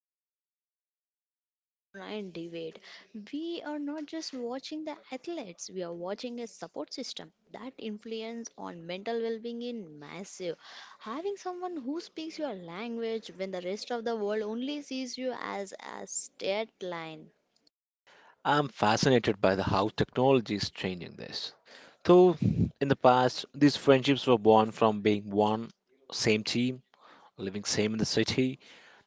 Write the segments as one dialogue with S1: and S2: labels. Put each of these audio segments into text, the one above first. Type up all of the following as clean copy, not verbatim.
S1: Messi and Suraj or LeBron and David, we are not just watching the athletes, we are watching a support system that influence on mental well-being in massive, having someone who speaks your language when the rest of the world only sees you as a straight line.
S2: I'm fascinated by the how technology is changing this. So, in the past, these friendships were born from being one same team, living same in the city.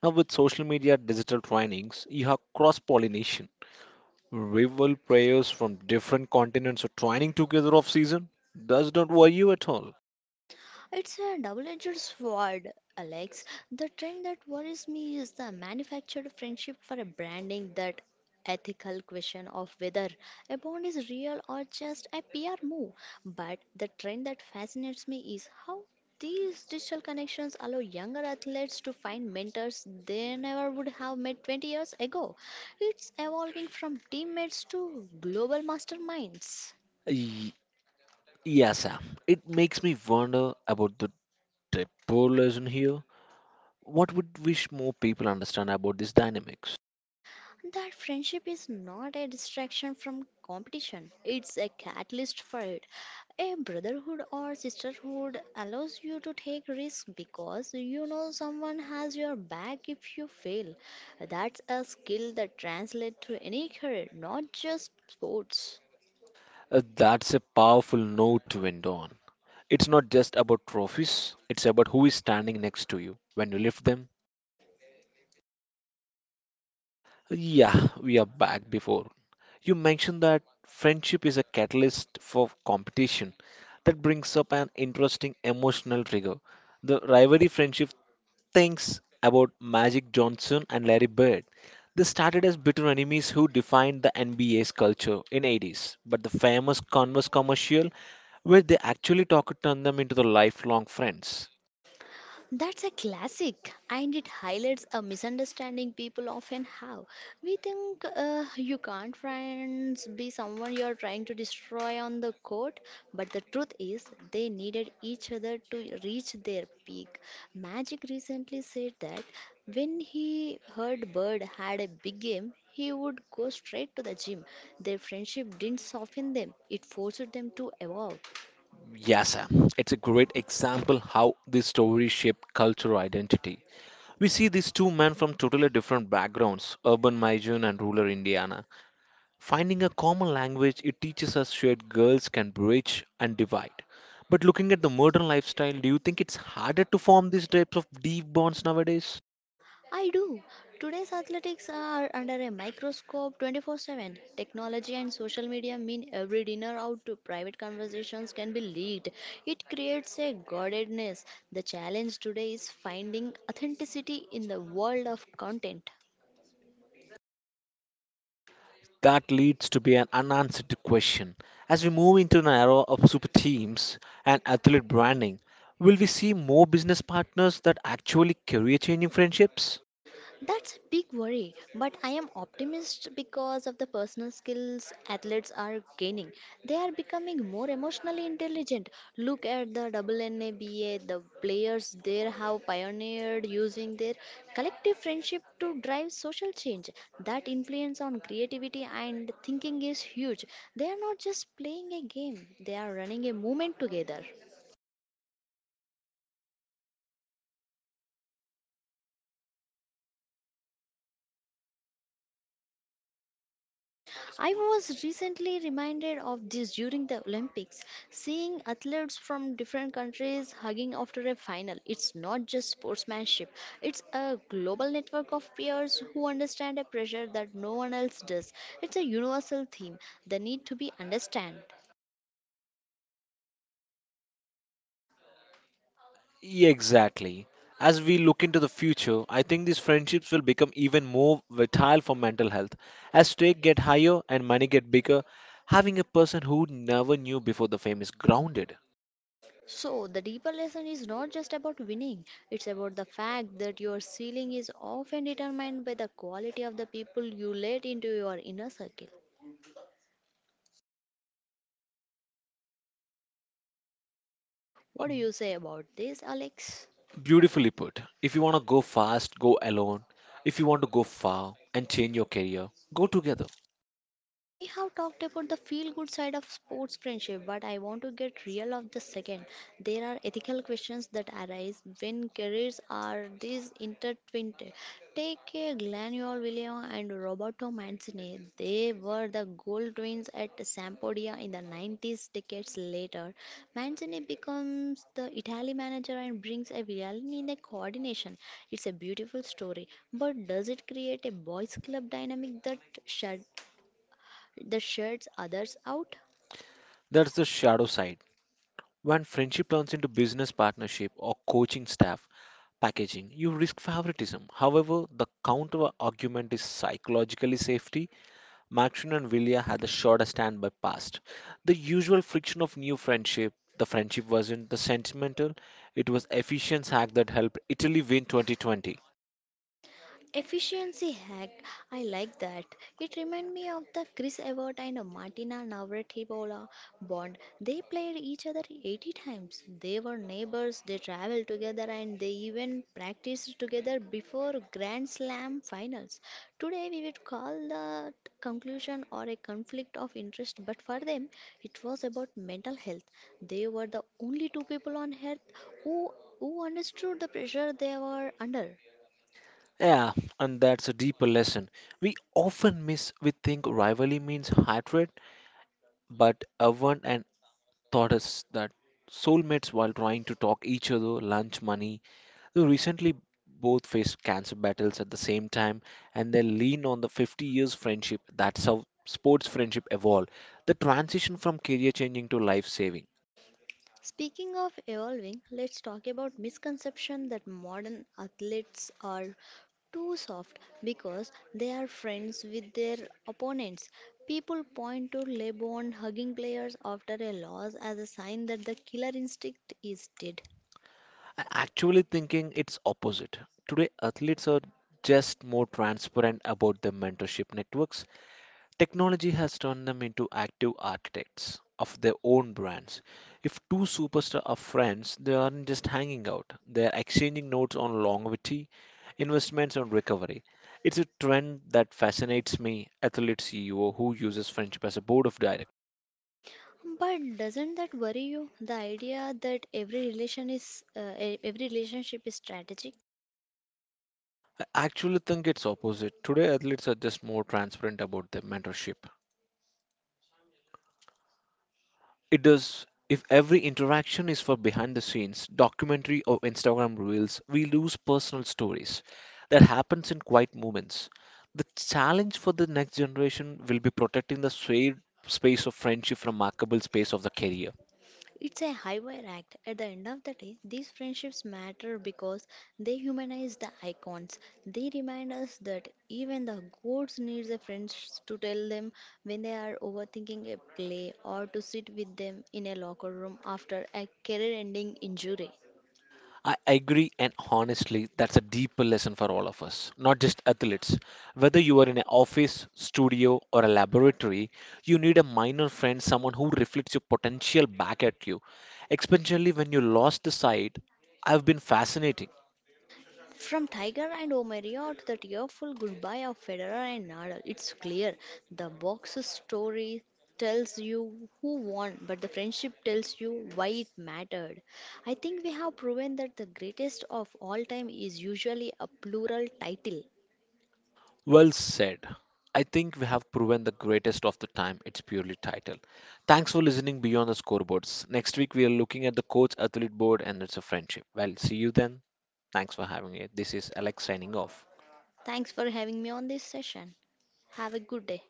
S2: Now, with social media, digital trainings, you have cross pollination. Rival players from different continents are training together off season. Does not worry you at all.
S1: It's a double-edged sword, Alex. The trend that worries me is the manufactured friendship for a branding, that ethical question of whether a bond is real or just a PR move. But the trend that fascinates me is how these digital connections allow younger athletes to find mentors they never would have met 20 years ago. It's evolving from teammates to global masterminds.
S2: Y- yeah, Sam. It makes me wonder about the depolarization here. What would wish more people understand about these dynamics?
S1: That friendship is not a distraction from competition, it's a catalyst for it. A brotherhood or sisterhood allows you to take risks because you know someone has your back if you fail. That's a skill that translates to any career, not just sports.
S2: That's a powerful note to end on. It's not just about trophies, it's about who is standing next to you when you lift them. Yeah, we are back before. You mentioned that friendship is a catalyst for competition. That brings up an interesting emotional trigger. The rivalry friendship thinks about Magic Johnson and Larry Bird. They started as bitter enemies who defined the NBA's culture in 80's, but the famous Converse commercial where they actually talk turned them into the lifelong friends.
S1: That's a classic, and it highlights a misunderstanding people often have. We think you can't friends be someone you're trying to destroy on the court, but the truth is they needed each other to reach their peak. Magic recently said that when he heard Bird had a big game, he would go straight to the gym. Their friendship didn't soften them, it forced them to evolve.
S2: Yes, Sam, it's a great example how this story shaped cultural identity. We see these two men from totally different backgrounds, urban Maijun and rural Indiana. Finding a common language, it teaches us shared goals can bridge and divide. But looking at the modern lifestyle, do you think it's harder to form these types of deep bonds nowadays?
S1: I do. Today's athletics are under a microscope 24/7. Technology and social media mean every dinner out to private conversations can be leaked. It creates a guardedness. The challenge today is finding authenticity in the world of content.
S2: That leads to be an unanswered question. As we move into an era of super teams and athlete branding, will we see more business partners that actually career changing friendships?
S1: That's a big worry, but I am optimist because of the personal skills athletes are gaining. They are becoming more emotionally intelligent. Look at the WNBA, the players there have pioneered using their collective friendship to drive social change. That influence on creativity and thinking is huge. They are not just playing a game, they are running a movement together. I was recently reminded of this during the Olympics, seeing athletes from different countries hugging after a final. It's not just sportsmanship, it's a global network of peers who understand a pressure that no one else does. It's a universal theme, the need to be understood.
S2: Yeah, exactly. As we look into the future, I think these friendships will become even more vital for mental health. As stakes get higher and money get bigger, having a person who never knew before the fame is grounded.
S1: So, the deeper lesson is not just about winning, it's about the fact that your ceiling is often determined by the quality of the people you let into your inner circle. What do you say about this, Alex?
S2: Beautifully put. If you want to go fast, go alone. If you want to go far and change your career, go together.
S1: We have talked about the feel good side of sports friendship, but I want to get real of the second. There are ethical questions that arise when careers are this intertwined. Take a Glanio William and Roberto Mancini. They were the gold twins at Sampdoria in the 90s decades later. Mancini becomes the Italy manager and brings a reality in the coordination. It's a beautiful story, but does it create a boys club dynamic that shut that shuts others out?
S2: That's the shadow side. When friendship turns into business partnership or coaching staff packaging, you risk favoritism. However, the counter argument is psychologically safety. Maxine and Vilya had the shorter standby past. The usual friction of new friendship, the friendship wasn't the sentimental, it was efficient hack that helped Italy win 2020.
S1: Efficiency hack, I like that. It reminded me of the Chris Evert and Martina Navratilova bond. They played each other 80 times. They were neighbors, they traveled together, and they even practiced together before Grand Slam finals. Today, we would call that conclusion or a conflict of interest, but for them, it was about mental health. They were the only two people on earth who, who understood the pressure they were under.
S2: Yeah, and that's a deeper lesson. We often miss, we think rivalry means hatred, but Evan and taught us that soulmates, while trying to talk each other lunch money, they recently both faced cancer battles at the same time and they lean on the 50 years friendship. That's how sports friendship evolved. The transition from career changing to life saving.
S1: Speaking of evolving, let's talk about misconception that modern athletes are too soft because they are friends with their opponents. People point to LeBron hugging players after a loss as a sign that the killer instinct is dead.
S2: I actually thinking it's opposite. Today athletes are just more transparent about their mentorship networks. Technology has turned them into active architects of their own brands. If two superstars are friends, they aren't just hanging out, they are exchanging notes on longevity, investments, and recovery. It's a trend that fascinates me, athlete CEO who uses friendship as a board of directors.
S1: But doesn't that worry you? The idea that every relation is every relationship is strategic.
S2: I actually think it's opposite. Today, athletes are just more transparent about their mentorship. It does. If every interaction is for behind the scenes, documentary, or Instagram reels, we lose personal stories. That happens in quiet moments. The challenge for the next generation will be protecting the shared space of friendship from markable space of the career.
S1: It's a highwire act. At the end of the day, these friendships matter because they humanize the icons. They remind us that even the gods needs a friend to tell them when they are overthinking a play or to sit with them in a locker room after a career-ending injury.
S2: I agree, and honestly, that's a deeper lesson for all of us, not just athletes. Whether you are in an office, studio, or a laboratory, you need a minor friend, someone who reflects your potential back at you, especially when you lost the sight. I've been fascinating.
S1: From Tiger and Omaria to the tearful goodbye of Federer and Nadal, it's clear the box's story tells you who won, but the friendship tells you why it mattered. I think we have proven that the greatest of all time is usually a plural title.
S2: Well said. I think we have proven the greatest of the time. It's purely title. Thanks for listening beyond the scoreboards. Next week, we are looking at the coach athlete board and it's a friendship. Well, see you then. Thanks for having it. This is Alex signing off.
S1: Thanks for having me on this session. Have a good day.